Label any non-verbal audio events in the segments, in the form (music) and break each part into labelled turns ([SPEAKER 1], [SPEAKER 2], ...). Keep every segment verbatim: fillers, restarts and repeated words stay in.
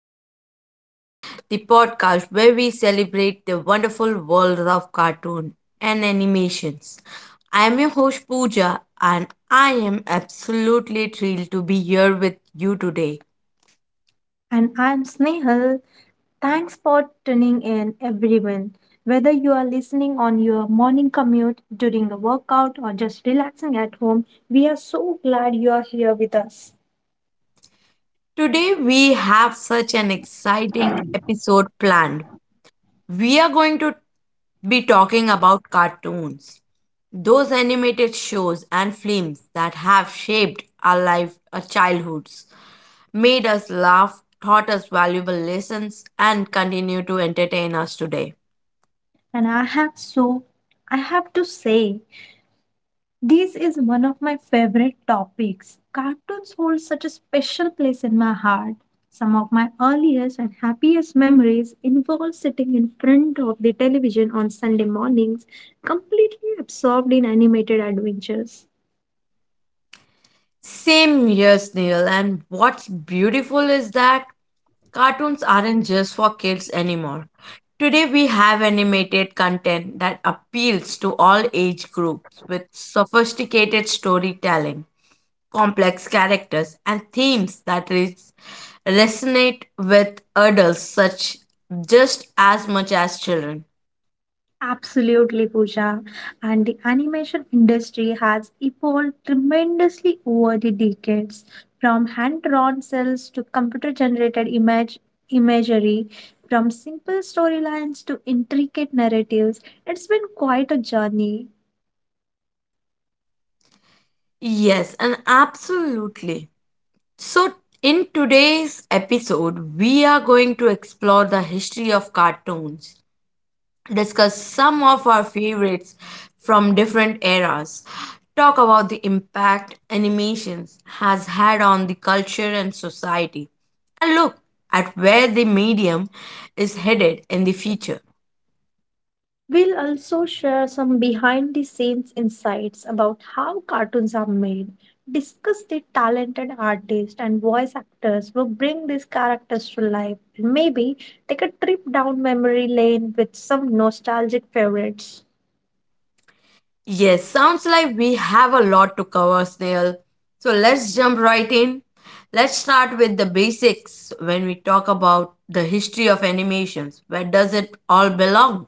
[SPEAKER 1] Sa- Station, the podcast where we celebrate the wonderful world of cartoon and animations. I am your host, Pooja, and I am absolutely thrilled to be here with you today.
[SPEAKER 2] And I'm Snehal. Thanks for tuning in, everyone. Whether you are listening on your morning commute, during a workout, or just relaxing at home, we are so glad you are here with us.
[SPEAKER 1] Today, we have such an exciting episode planned. We are going to be talking about cartoons, those animated shows and films that have shaped our life, our childhoods made us laugh, taught us valuable lessons, and continue to entertain us today.
[SPEAKER 2] And I have so, I have to say, This is one of my favorite topics. Cartoons hold such a special place in my heart. Some of my earliest and happiest memories involve sitting in front of the television on Sunday mornings, completely absorbed in animated adventures.
[SPEAKER 1] Same here, Neil, and what's beautiful is that cartoons aren't just for kids anymore. Today, we have animated content that appeals to all age groups with sophisticated storytelling, complex characters, and themes that res- resonate with adults such just as much as children.
[SPEAKER 2] Absolutely, Pooja. And the animation industry has evolved tremendously over the decades, from hand-drawn cells to computer-generated image imagery, from simple storylines to intricate narratives. It's been quite a journey.
[SPEAKER 1] Yes, and absolutely. So, in today's episode, we are going to explore the history of cartoons, discuss some of our favorites from different eras, talk about the impact animations has had on the culture and society, and look at where the medium is headed in the future.
[SPEAKER 2] We'll also share some behind the scenes insights about how cartoons are made, discuss the talented artists and voice actors who bring these characters to life, and maybe take a trip down memory lane with some nostalgic favorites.
[SPEAKER 1] Yes, sounds like we have a lot to cover, Snail. So let's jump right in. Let's start with the basics when we talk about the history of animations. Where does it all belong?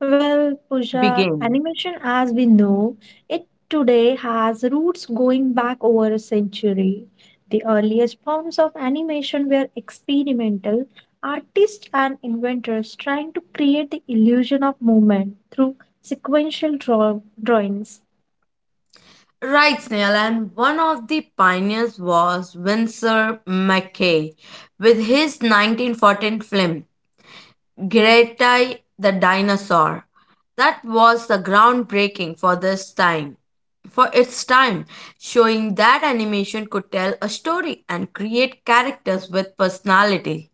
[SPEAKER 2] Well, Pooja,
[SPEAKER 1] Begin.
[SPEAKER 2] animation as we know it today has roots going back over a century. The earliest forms of animation were experimental, artists and inventors trying to create the illusion of movement through sequential draw- drawings.
[SPEAKER 1] Right, Snail, and one of the pioneers was Winsor McKay with his nineteen fourteen film Greta the dinosaur. That was the groundbreaking for this time. For its time, showing that animation could tell a story and create characters with personality.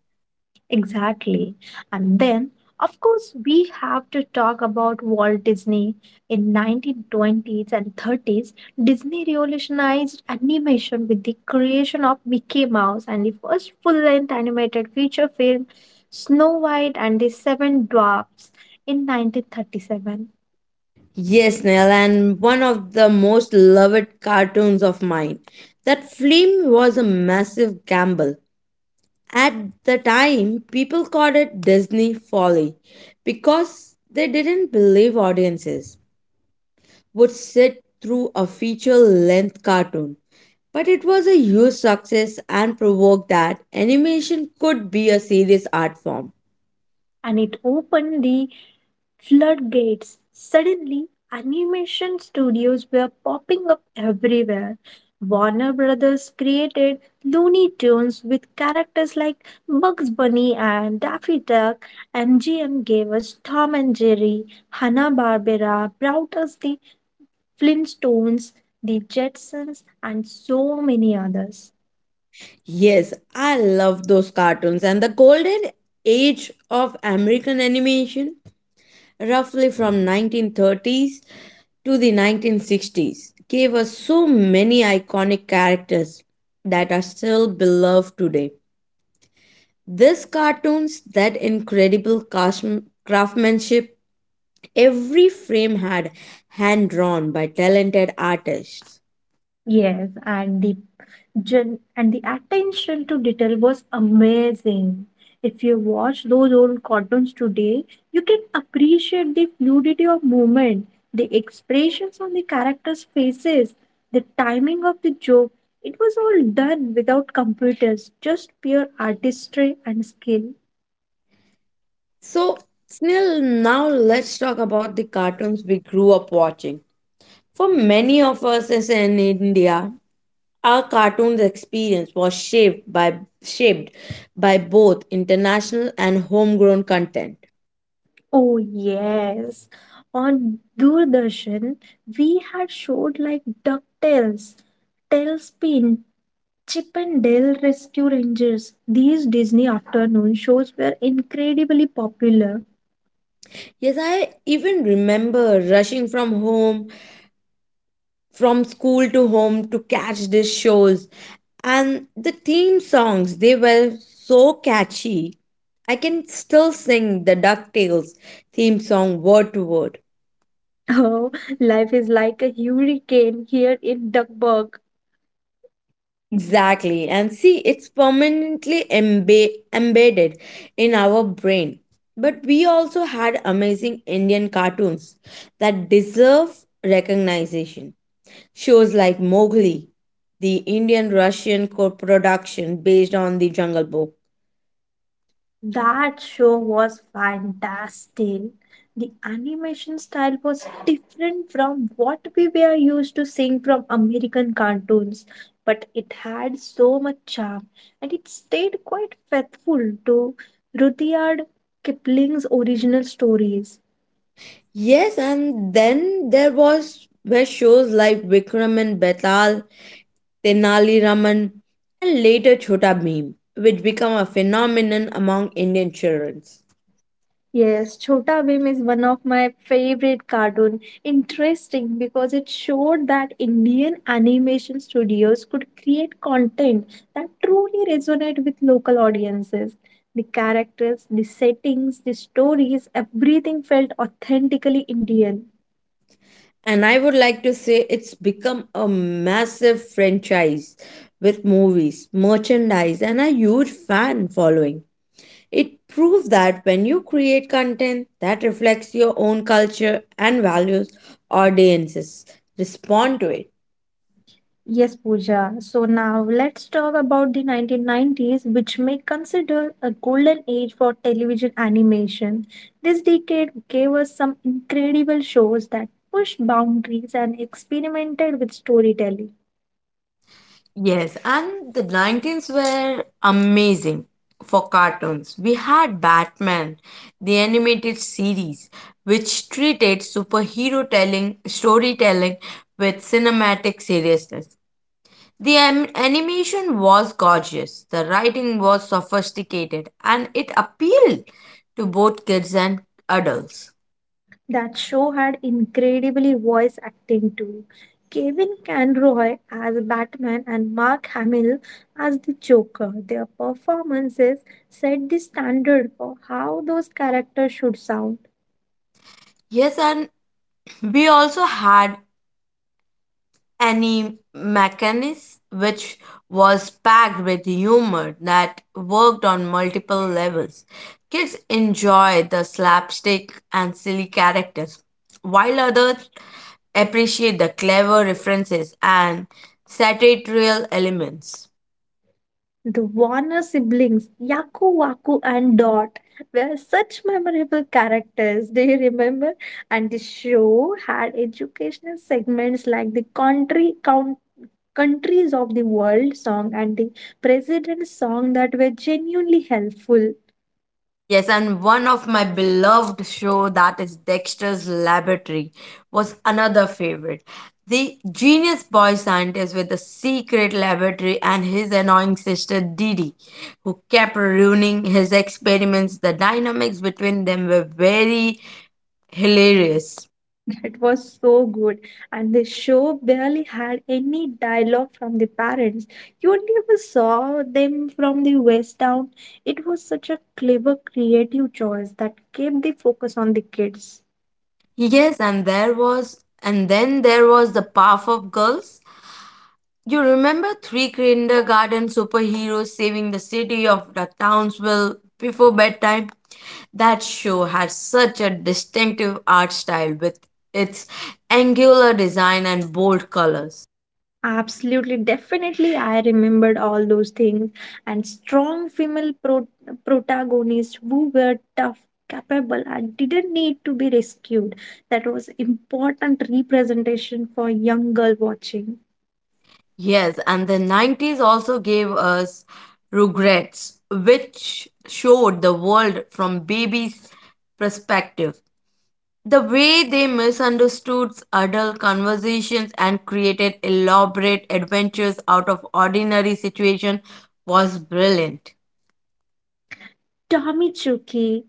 [SPEAKER 2] Exactly. And then, of course, we have to talk about Walt Disney. In nineteen twenties and thirties, Disney revolutionized animation with the creation of Mickey Mouse and the first full-length animated feature film Snow White and the Seven Dwarfs in nineteen thirty-seven.
[SPEAKER 1] Yes, Neil, and one of the most loved cartoons of mine. That film was a massive gamble. At the time, people called it Disney folly because they didn't believe audiences would sit through a feature length cartoon. But it was a huge success and provoked that animation could be a serious art form.
[SPEAKER 2] And it opened the floodgates. Suddenly, animation studios were popping up everywhere. Warner Brothers created Looney Tunes with characters like Bugs Bunny and Daffy Duck. M G M gave us Tom and Jerry, Hanna-Barbera brought us the Flintstones, the Jetsons, and so many others.
[SPEAKER 1] Yes, I love those cartoons and the golden age of American animation, roughly from nineteen thirties to the nineteen sixties, gave us so many iconic characters that are still beloved today. These cartoons, that incredible crash- craftsmanship, every frame had hand drawn by talented artists.
[SPEAKER 2] Yes, and the gen- and the attention to detail was amazing. If you watch those old cartoons today, you can appreciate the fluidity of movement, the expressions on the characters' faces, the timing of the joke. It was all done without computers, just pure artistry and skill.
[SPEAKER 1] So, Snil, now let's talk about the cartoons we grew up watching. For many of us as in India, our cartoons experience was shaped by shaped by both international and homegrown content.
[SPEAKER 2] Oh, yes. On Doordarshan, we had showed like DuckTales, Tailspin, Chip and Dale Rescue Rangers. These Disney afternoon shows were incredibly popular. (laughs)
[SPEAKER 1] Yes, I even remember rushing from home from school to home to catch these shows. And the theme songs, they were so catchy. I can still sing the DuckTales theme song word to word. (laughs)
[SPEAKER 2] Oh, life is like a hurricane here in Duckburg.
[SPEAKER 1] Exactly. And see, it's permanently embe- embedded in our brain. But we also had amazing Indian cartoons that deserve recognition. Shows like Mowgli, the Indian Russian co production based on the Jungle Book.
[SPEAKER 2] That show was fantastic. The animation style was different from what we were used to seeing from American cartoons, but it had so much charm and it stayed quite faithful to Rudyard Kipling's original stories.
[SPEAKER 1] Yes, and then there was were shows like Vikram and Betal, Tenali Raman, and later Chhota Bheem, which become a phenomenon among Indian children.
[SPEAKER 2] Yes, Chhota Bhim is one of my favorite cartoon. Interesting because it showed that Indian animation studios could create content that truly resonate with local audiences. The characters, the settings, the stories, everything felt authentically Indian.
[SPEAKER 1] And I would like to say it's become a massive franchise with movies, merchandise, and a huge fan following. It proves that when you create content that reflects your own culture and values, audiences respond to it.
[SPEAKER 2] Yes, Pooja. So now let's talk about the nineteen nineties, which may consider a golden age for television animation. This decade gave us some incredible shows that pushed boundaries and experimented with storytelling.
[SPEAKER 1] Yes, and the nineties were amazing for cartoons. We had Batman, the animated series, which treated superhero telling, storytelling with cinematic seriousness. The am- animation was gorgeous, the writing was sophisticated, and it appealed to both kids and adults.
[SPEAKER 2] That show had incredibly voice acting too. Kevin Conroy as Batman and Mark Hamill as the Joker. Their performances set the standard for how those characters should sound.
[SPEAKER 1] Yes, and we also had Any mechanism which was packed with humor that worked on multiple levels. Kids enjoy the slapstick and silly characters, while others appreciate the clever references and satirical elements.
[SPEAKER 2] The Warner siblings, Yaku, Waku, and Dot, were such memorable characters. Do you remember? And the show had educational segments like the country count, countries of the world song and the president's song that were genuinely helpful.
[SPEAKER 1] Yes, and one of my beloved show that is Dexter's Laboratory was another favorite. The genius boy scientist with the secret laboratory and his annoying sister Dee Dee, who kept ruining his experiments. The dynamics between them were very hilarious.
[SPEAKER 2] It was so good. And the show barely had any dialogue from the parents. You only ever saw them from the waist down. It was such a clever, creative choice that kept the focus on the kids.
[SPEAKER 1] Yes, and there was and then there was the Powerpuff Girls. You remember three kindergarten superheroes saving the city of the Townsville before bedtime? That show had such a distinctive art style with its angular design and bold colors.
[SPEAKER 2] Absolutely, definitely, I remembered all those things and strong female pro- protagonists who were tough, capable, and didn't need to be rescued. That was important representation for young girl watching.
[SPEAKER 1] Yes, and the nineties also gave us Rugrats, which showed the world from baby's perspective. The way they misunderstood adult conversations and created elaborate adventures out of ordinary situations was brilliant.
[SPEAKER 2] Tommy Chuki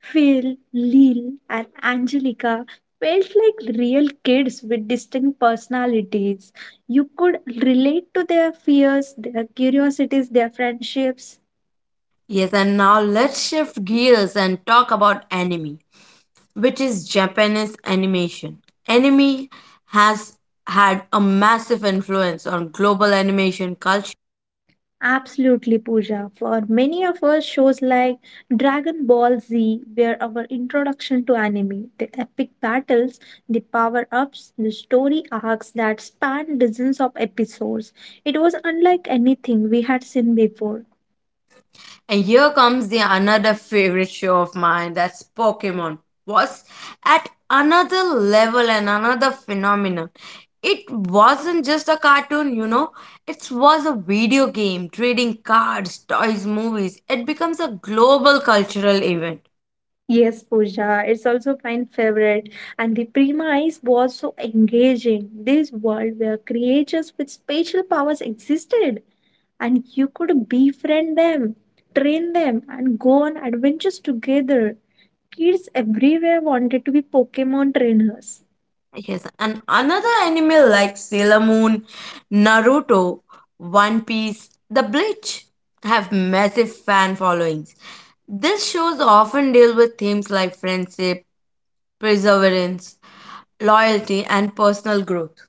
[SPEAKER 2] Phil, Lil, and Angelica felt like real kids with distinct personalities. You could relate to their fears, their curiosities, their friendships.
[SPEAKER 1] Yes, and now let's shift gears and talk about anime, which is Japanese animation. Anime has had a massive influence on global animation culture.
[SPEAKER 2] Absolutely, Pooja. For many of us, shows like Dragon Ball Z were our introduction to anime. The epic battles, the power ups, the story arcs that spanned dozens of episodes. It was unlike anything we had seen before.
[SPEAKER 1] And here comes the another favorite show of mine that's Pokemon was at another level and another phenomenon. It wasn't just a cartoon, you know. It was a video game, trading cards, toys, movies. It becomes a global cultural event.
[SPEAKER 2] Yes, Pooja, it's also my favorite. And the premise was so engaging. This world where creatures with special powers existed, and you could befriend them, train them, and go on adventures together. Kids everywhere wanted to be Pokemon trainers.
[SPEAKER 1] Yes, and another anime like Sailor Moon, Naruto, One Piece, The Bleach have massive fan followings. These shows often deal with themes like friendship, perseverance, loyalty, and personal growth.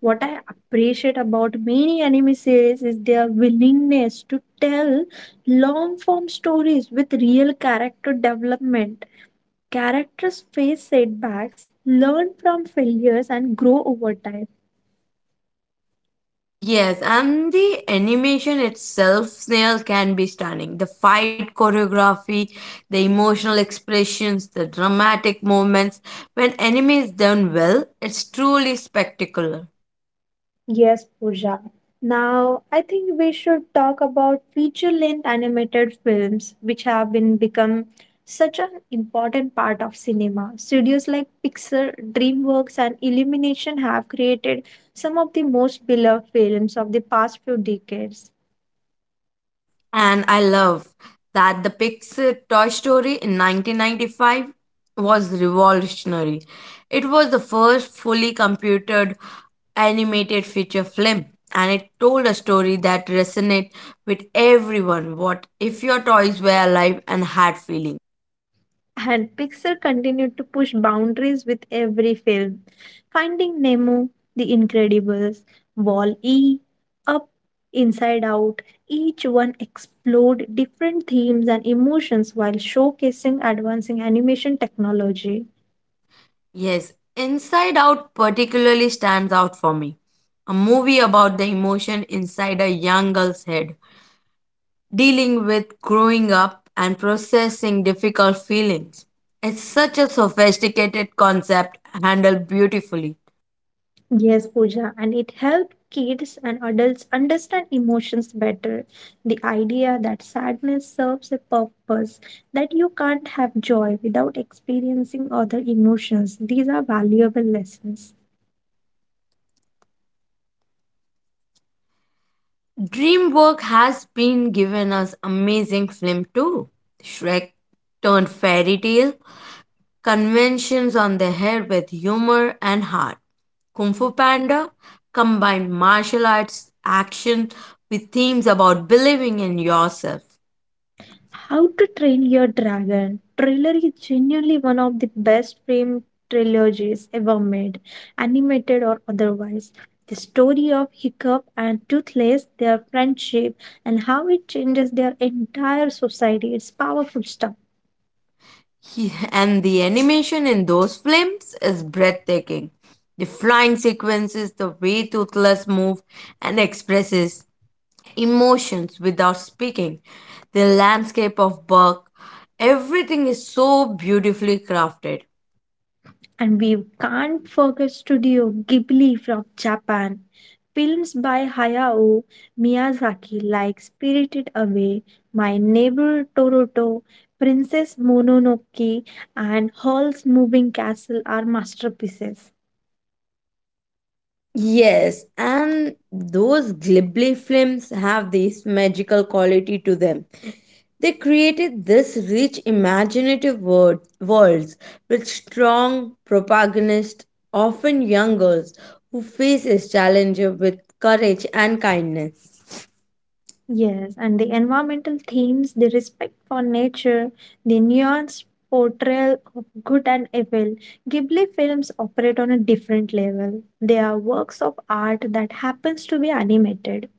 [SPEAKER 2] What I appreciate about many anime series is their willingness to tell long form stories with real character development. Characters face setbacks, learn from failures, and grow over time.
[SPEAKER 1] Yes, and the animation itself, Snail, can be stunning. The fight choreography, the emotional expressions, the dramatic moments. When anime is done well, it's truly spectacular.
[SPEAKER 2] Yes, Pooja. Now, I think we should talk about feature-length animated films, which have been become such an important part of cinema. Studios like Pixar, DreamWorks, and Illumination have created some of the most beloved films of the past few decades.
[SPEAKER 1] And I love that the Pixar Toy Story in nineteen ninety-five was revolutionary. It was the first fully computed animated feature film and it told a story that resonated with everyone. What if your toys were alive and had feelings?
[SPEAKER 2] And Pixar continued to push boundaries with every film. Finding Nemo, The Incredibles, Wall-E, Up, Inside Out, each one explored different themes and emotions while showcasing advancing animation technology.
[SPEAKER 1] Yes, Inside Out particularly stands out for me. A movie about the emotion inside a young girl's head, dealing with growing up and processing difficult feelings. It's such a sophisticated concept handled beautifully.
[SPEAKER 2] Yes, Pooja, and it helped kids and adults understand emotions better. The idea that sadness serves a purpose, that you can't have joy without experiencing other emotions, these are valuable lessons.
[SPEAKER 1] DreamWorks has been given us amazing film too. Shrek turned fairy tale conventions on the head with humor and heart. Kung Fu Panda combined martial arts action with themes about believing in yourself.
[SPEAKER 2] How to Train Your Dragon trailer is genuinely one of the best film trilogies ever made, animated or otherwise. The story of Hiccup and Toothless, their friendship, and how it changes their entire society. It's powerful stuff.
[SPEAKER 1] He- and the animation in those films is breathtaking. The flying sequences, the way Toothless moves and expresses emotions without speaking, the landscape of Burke, everything is so beautifully crafted.
[SPEAKER 2] And we can't forget Studio Ghibli from Japan. Films by Hayao Miyazaki like Spirited Away, My Neighbor Totoro, Princess Mononoke, and Hall's Moving Castle are masterpieces.
[SPEAKER 1] Yes, and those Ghibli films have this magical quality to them. They created this rich imaginative world, worlds with strong protagonists, often young girls, who face a challenge with courage and kindness.
[SPEAKER 2] Yes, and the environmental themes, the respect for nature, the nuanced portrayal of good and evil, Ghibli films operate on a different level. They are works of art that happens to be animated.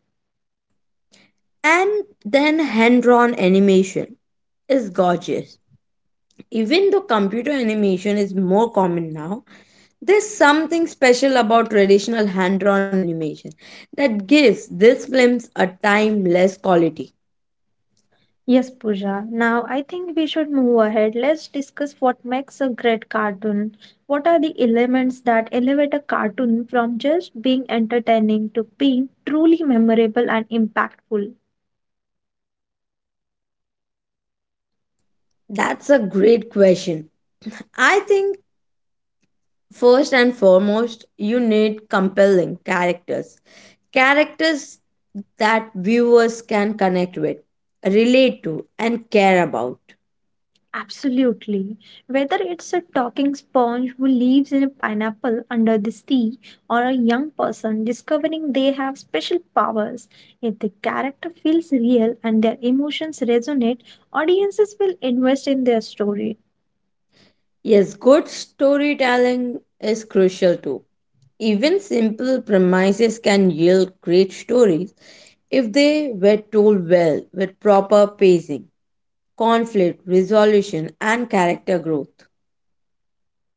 [SPEAKER 1] And then hand-drawn animation is gorgeous. Even though computer animation is more common now, there's something special about traditional hand drawn animation that gives these films a timeless quality.
[SPEAKER 2] Yes, Pooja. Now I think we should move ahead. Let's discuss what makes a great cartoon. What are the elements that elevate a cartoon from just being entertaining to being truly memorable and impactful?
[SPEAKER 1] That's a great question. I think, first and foremost, you need compelling characters. Characters that viewers can connect with, relate to, and care about.
[SPEAKER 2] Absolutely. Whether it's a talking sponge who lives in a pineapple under the sea or a young person discovering they have special powers, if the character feels real and their emotions resonate, audiences will invest in their story.
[SPEAKER 1] Yes, good storytelling is crucial too. Even simple premises can yield great stories if they were told well with proper pacing, conflict resolution, and character growth.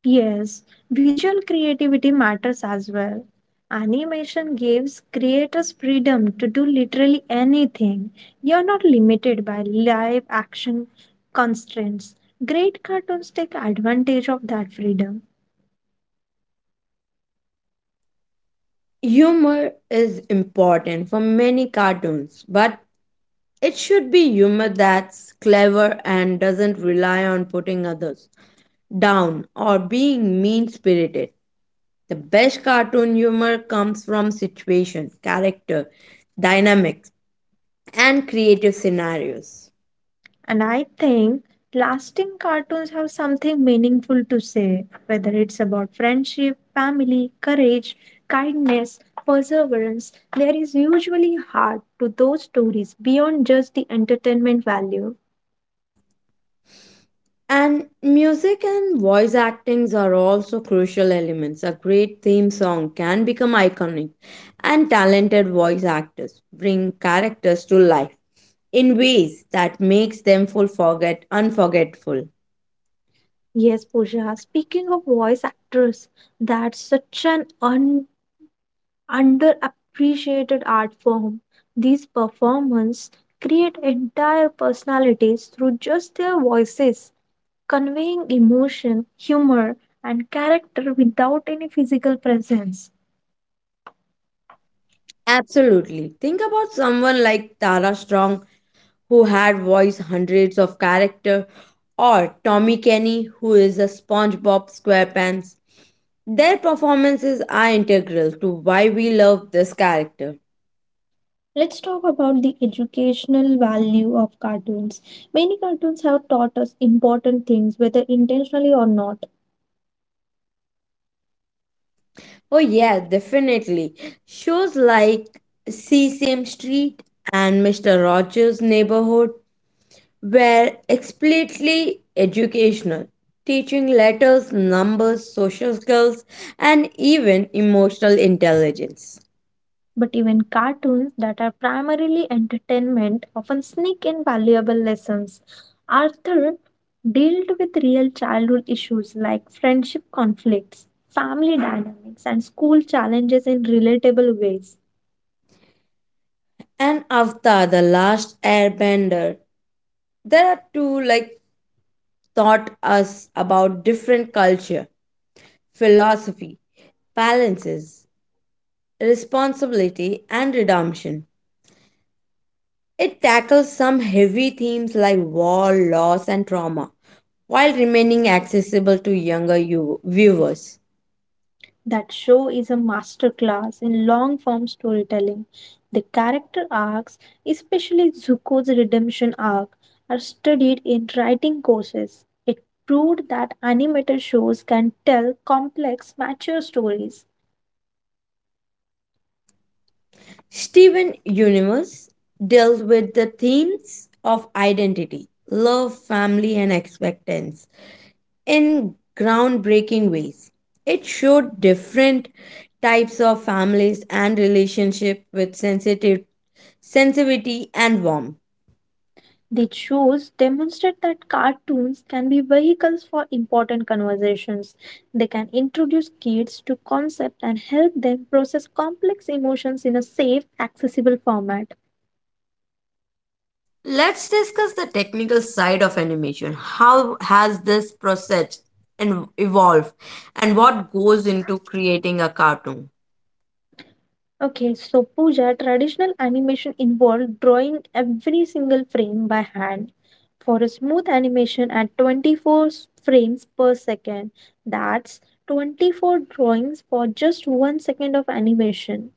[SPEAKER 2] Yes, visual creativity matters as well. Animation gives creators freedom to do literally anything. You're not limited by live action constraints. Great cartoons take advantage of that freedom.
[SPEAKER 1] Humor is important for many cartoons, but it should be humor that's clever and doesn't rely on putting others down or being mean spirited. The best cartoon humor comes from situation, character, dynamics, and creative scenarios.
[SPEAKER 2] And I think lasting cartoons have something meaningful to say, whether it's about friendship, family, courage, kindness, perseverance. There is usually heart to those stories beyond just the entertainment value.
[SPEAKER 1] And music and voice actings are also crucial elements. A great theme song can become iconic, and talented voice actors bring characters to life in ways that makes them full forget unforgettful.
[SPEAKER 2] Yes, Pooja, speaking of voice actors, that's such an un- underappreciated art form. These performers create entire personalities through just their voices, conveying emotion, humor, and character without any physical presence.
[SPEAKER 1] Absolutely. Think about someone like Tara Strong who had voiced hundreds of characters, or Tommy Kenny, who is a SpongeBob SquarePants. Their performances are integral to why we love this character.
[SPEAKER 2] Let's talk about the educational value of cartoons. Many cartoons have taught us important things, whether intentionally or not.
[SPEAKER 1] Oh, yeah, definitely. Shows like Sesame Street and mister Rogers' Neighborhood were explicitly educational, teaching letters, numbers, social skills, and even emotional intelligence.
[SPEAKER 2] But even cartoons that are primarily entertainment often sneak in valuable lessons. Arthur dealt with real childhood issues like friendship conflicts, family dynamics, and school challenges in relatable ways.
[SPEAKER 1] And Avatar The Last Airbender. There are two like taught us about different culture, philosophy, balances, responsibility and redemption. It tackles some heavy themes like war, loss and trauma while remaining accessible to younger you- viewers.
[SPEAKER 2] That show is a masterclass in long form storytelling. The character arcs, especially Zuko's redemption arc, are studied in writing courses. It proved that animated shows can tell complex, mature stories.
[SPEAKER 1] Steven Universe dealt with the themes of identity, love, family and expectance in groundbreaking ways. It showed different types of families and relationship with sensitive sensitivity and warmth.
[SPEAKER 2] These shows demonstrate that cartoons can be vehicles for important conversations. They can introduce kids to concepts and help them process complex emotions in a safe, accessible format.
[SPEAKER 1] Let's discuss the technical side of animation. How has this process and evolved and what goes into creating a cartoon?
[SPEAKER 2] Okay, so Puja, traditional animation involved drawing every single frame by hand for a smooth animation at twenty-four s- frames per second. That's twenty-four drawings for just one second of animation.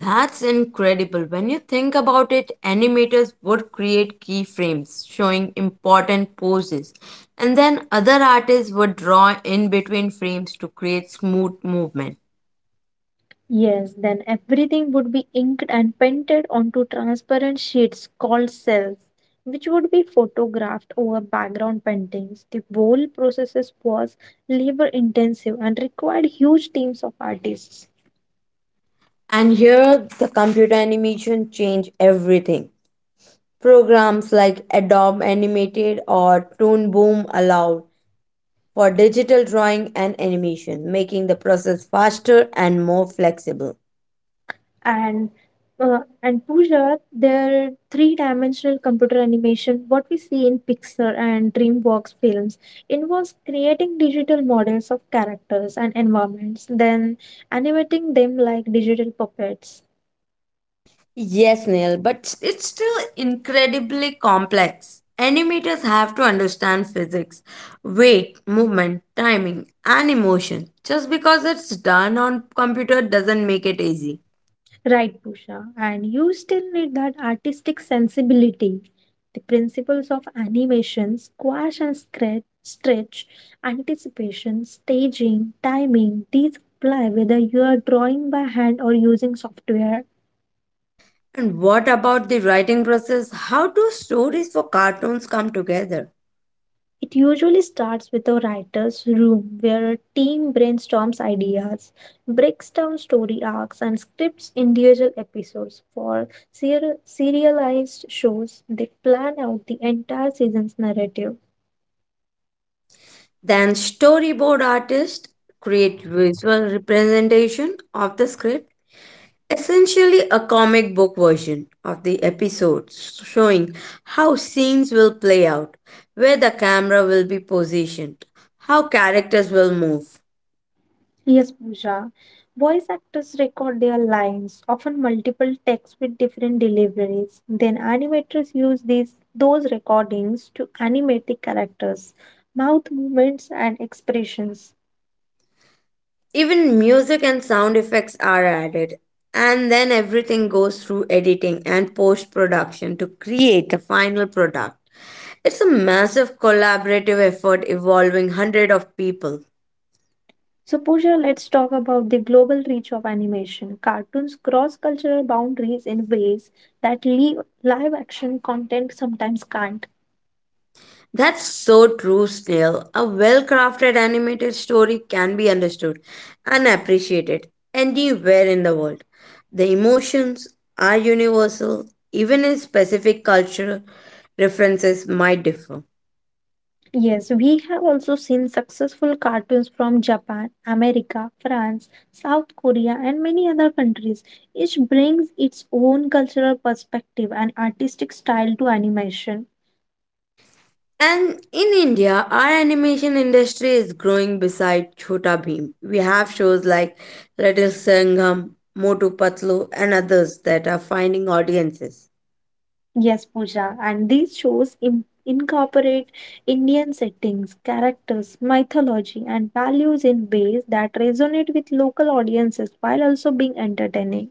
[SPEAKER 1] That's incredible. When you think about it, animators would create keyframes showing important poses, and then other artists would draw in between frames to create smooth movement.
[SPEAKER 2] Yes, then everything would be inked and painted onto transparent sheets called cells, which would be photographed over background paintings. The whole process was labor intensive and required huge teams of artists.
[SPEAKER 1] And here, the computer animation changed everything. Programs like Adobe Animated or Toon Boom allowed for digital drawing and animation, making the process faster and more flexible.
[SPEAKER 2] and uh, and Puja, their three-dimensional computer animation, what we see in Pixar and DreamWorks films, involves creating digital models of characters and environments, then animating them like digital puppets.
[SPEAKER 1] Yes, Neil, but it's still incredibly complex. Animators have to understand physics, weight, movement, timing, and emotion. Just because it's done on computer doesn't make it easy.
[SPEAKER 2] Right, Pusha, and you still need that artistic sensibility. The principles of animation, squash and scratch, stretch, anticipation, staging, timing, these apply whether you are drawing by hand or using software.
[SPEAKER 1] And what about the writing process? How do stories for cartoons come together?
[SPEAKER 2] It usually starts with a writer's room where a team brainstorms ideas, breaks down story arcs, and scripts individual episodes. For Serial- serialized shows, they plan out the entire season's narrative.
[SPEAKER 1] Then storyboard artists create visual representation of the script, essentially a comic book version of the episodes showing how scenes will play out, where the camera will be positioned, how characters will move.
[SPEAKER 2] Yes, Pooja. Voice actors record their lines, often multiple takes with different deliveries. Then animators use these those recordings to animate the characters, mouth movements and expressions.
[SPEAKER 1] Even music and sound effects are added, and then everything goes through editing and post production to create the final product. It's a massive collaborative effort involving hundreds of people.
[SPEAKER 2] So Pooja, let's talk about the global reach of animation. Cartoons cross cultural boundaries in ways that live live action content sometimes can't.
[SPEAKER 1] That's so true, Snail. A well crafted animated story can be understood and appreciated anywhere in the world. The emotions are universal, even in specific cultural references might differ.
[SPEAKER 2] Yes, we have also seen successful cartoons from Japan, America, France, South Korea, and many other countries. Each brings its own cultural perspective and artistic style to animation.
[SPEAKER 1] And in India, our animation industry is growing beside Chhota Bheem. We have shows like Little Sangam, Motu Patlu, and others that are finding audiences.
[SPEAKER 2] Yes, Pooja, and these shows in- incorporate Indian settings, characters, mythology, and values in ways that resonate with local audiences while also being entertaining.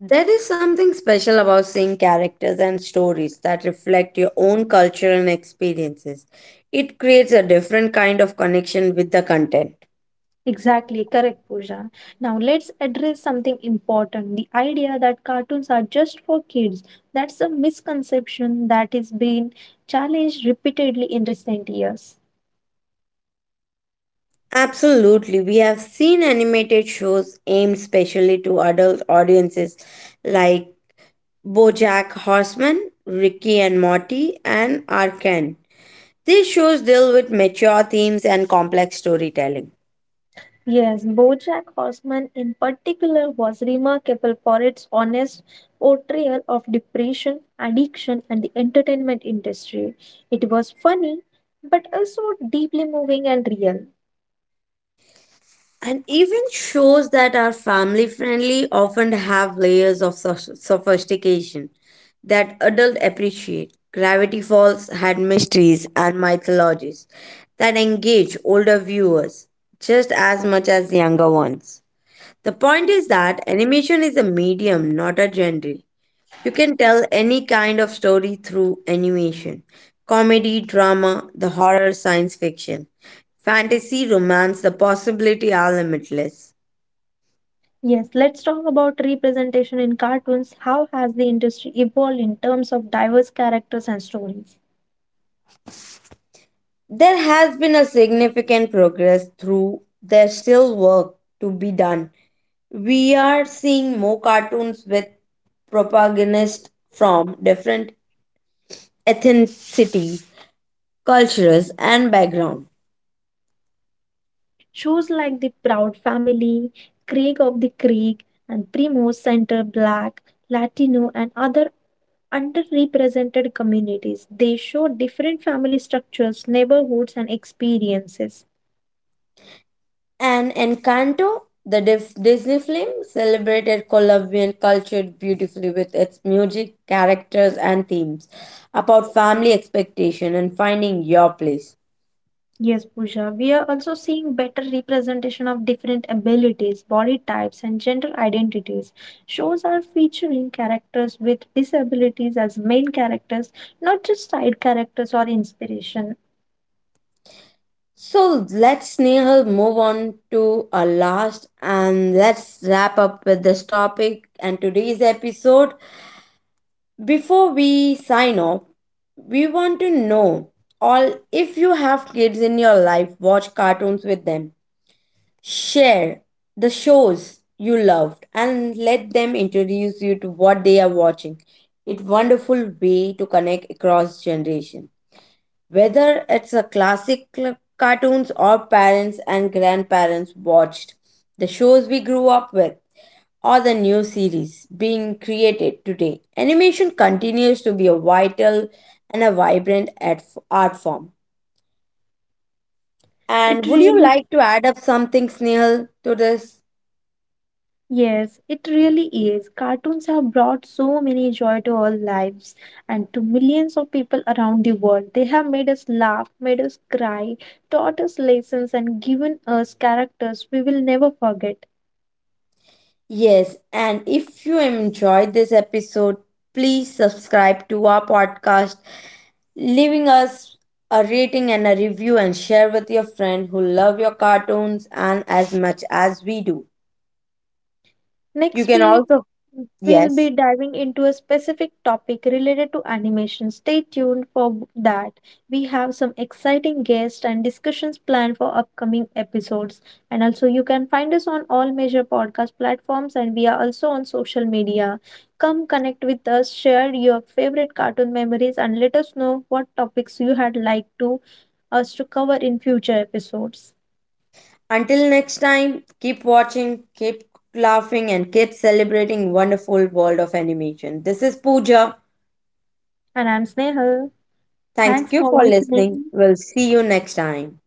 [SPEAKER 1] There is something special about seeing characters and stories that reflect your own culture and experiences. It creates a different kind of connection with the content.
[SPEAKER 2] Exactly, correct, Pooja. Now let's address something important: the idea that cartoons are just for kids. That's a misconception that is being challenged repeatedly in recent years.
[SPEAKER 1] Absolutely, we have seen animated shows aimed specially to adult audiences like BoJack Horseman, Ricky and Morty, and Arcane. These shows deal with mature themes and complex storytelling.
[SPEAKER 2] Yes, BoJack Horseman in particular was remarkable for its honest portrayal of depression, addiction, and the entertainment industry. It was funny, but also deeply moving and real.
[SPEAKER 1] And even shows that are family friendly often have layers of soph- sophistication that adults appreciate. Gravity Falls had mysteries and mythologies that engage older viewers just as much as younger ones. The point is that animation is a medium, not a genre. You can tell any kind of story through animation: comedy, drama, the horror, science fiction, fantasy, romance, the possibilities are limitless.
[SPEAKER 2] Yes, let's talk about representation in cartoons. How has the industry evolved in terms of diverse characters and stories?
[SPEAKER 1] There has been a significant progress through there's still work to be done. We are seeing more cartoons with protagonists from different ethnicities, cultures and backgrounds.
[SPEAKER 2] Shows like The Proud Family, Craig of the Creek, and Primo center Black, Latino, and other underrepresented communities. They show different family structures, neighborhoods, and experiences.
[SPEAKER 1] And Encanto, the Dif- Disney film, celebrated Colombian culture beautifully with its music, characters, and themes about family expectation and finding your place.
[SPEAKER 2] Yes, Pooja. We are also seeing better representation of different abilities, body types, and gender identities. Shows are featuring characters with disabilities as main characters, not just side characters or inspiration.
[SPEAKER 1] So let's Nehal move on to our last and let's wrap up with this topic and today's episode. Before we sign off, we want to know all if you have kids in your life, watch cartoons with them. Share the shows you loved and let them introduce you to what they are watching. It's wonderful way to connect across generation. Whether it's a classic cl- cartoons or parents and grandparents watched, the shows we grew up with or the new series being created today, animation continues to be a vital and a vibrant art art form.
[SPEAKER 2] It
[SPEAKER 1] And would you
[SPEAKER 2] really,
[SPEAKER 1] like to add up something, Snehal, to this?
[SPEAKER 2] yes, it really is. Cartoons have brought so many joy to our lives and to millions of people around the world. They have made us laugh, made us cry, taught us lessons, and given us characters we will never forget.
[SPEAKER 1] Yes, and if you enjoyed this episode, please subscribe to our podcast, leaving us a rating and a review, and share with your friend who love your cartoons and as much as we do. You
[SPEAKER 2] Next
[SPEAKER 1] can
[SPEAKER 2] week,
[SPEAKER 1] also,
[SPEAKER 2] we'll be
[SPEAKER 1] yes.
[SPEAKER 2] diving into a specific topic related to animation. Stay tuned for that. We have some exciting guests and discussions planned for upcoming episodes. And also, you can find us on all major podcast platforms, and we are also on social media. Come connect with us, share your favorite cartoon memories, and let us know what topics you had liked to us to cover in future episodes.
[SPEAKER 1] Until next time, keep watching, keep laughing, and keep celebrating wonderful world of animation. This is Pooja.
[SPEAKER 2] And I'm Snehal. Thanks
[SPEAKER 1] Thank you
[SPEAKER 2] for
[SPEAKER 1] for listening.
[SPEAKER 2] listening.
[SPEAKER 1] We'll see you next time.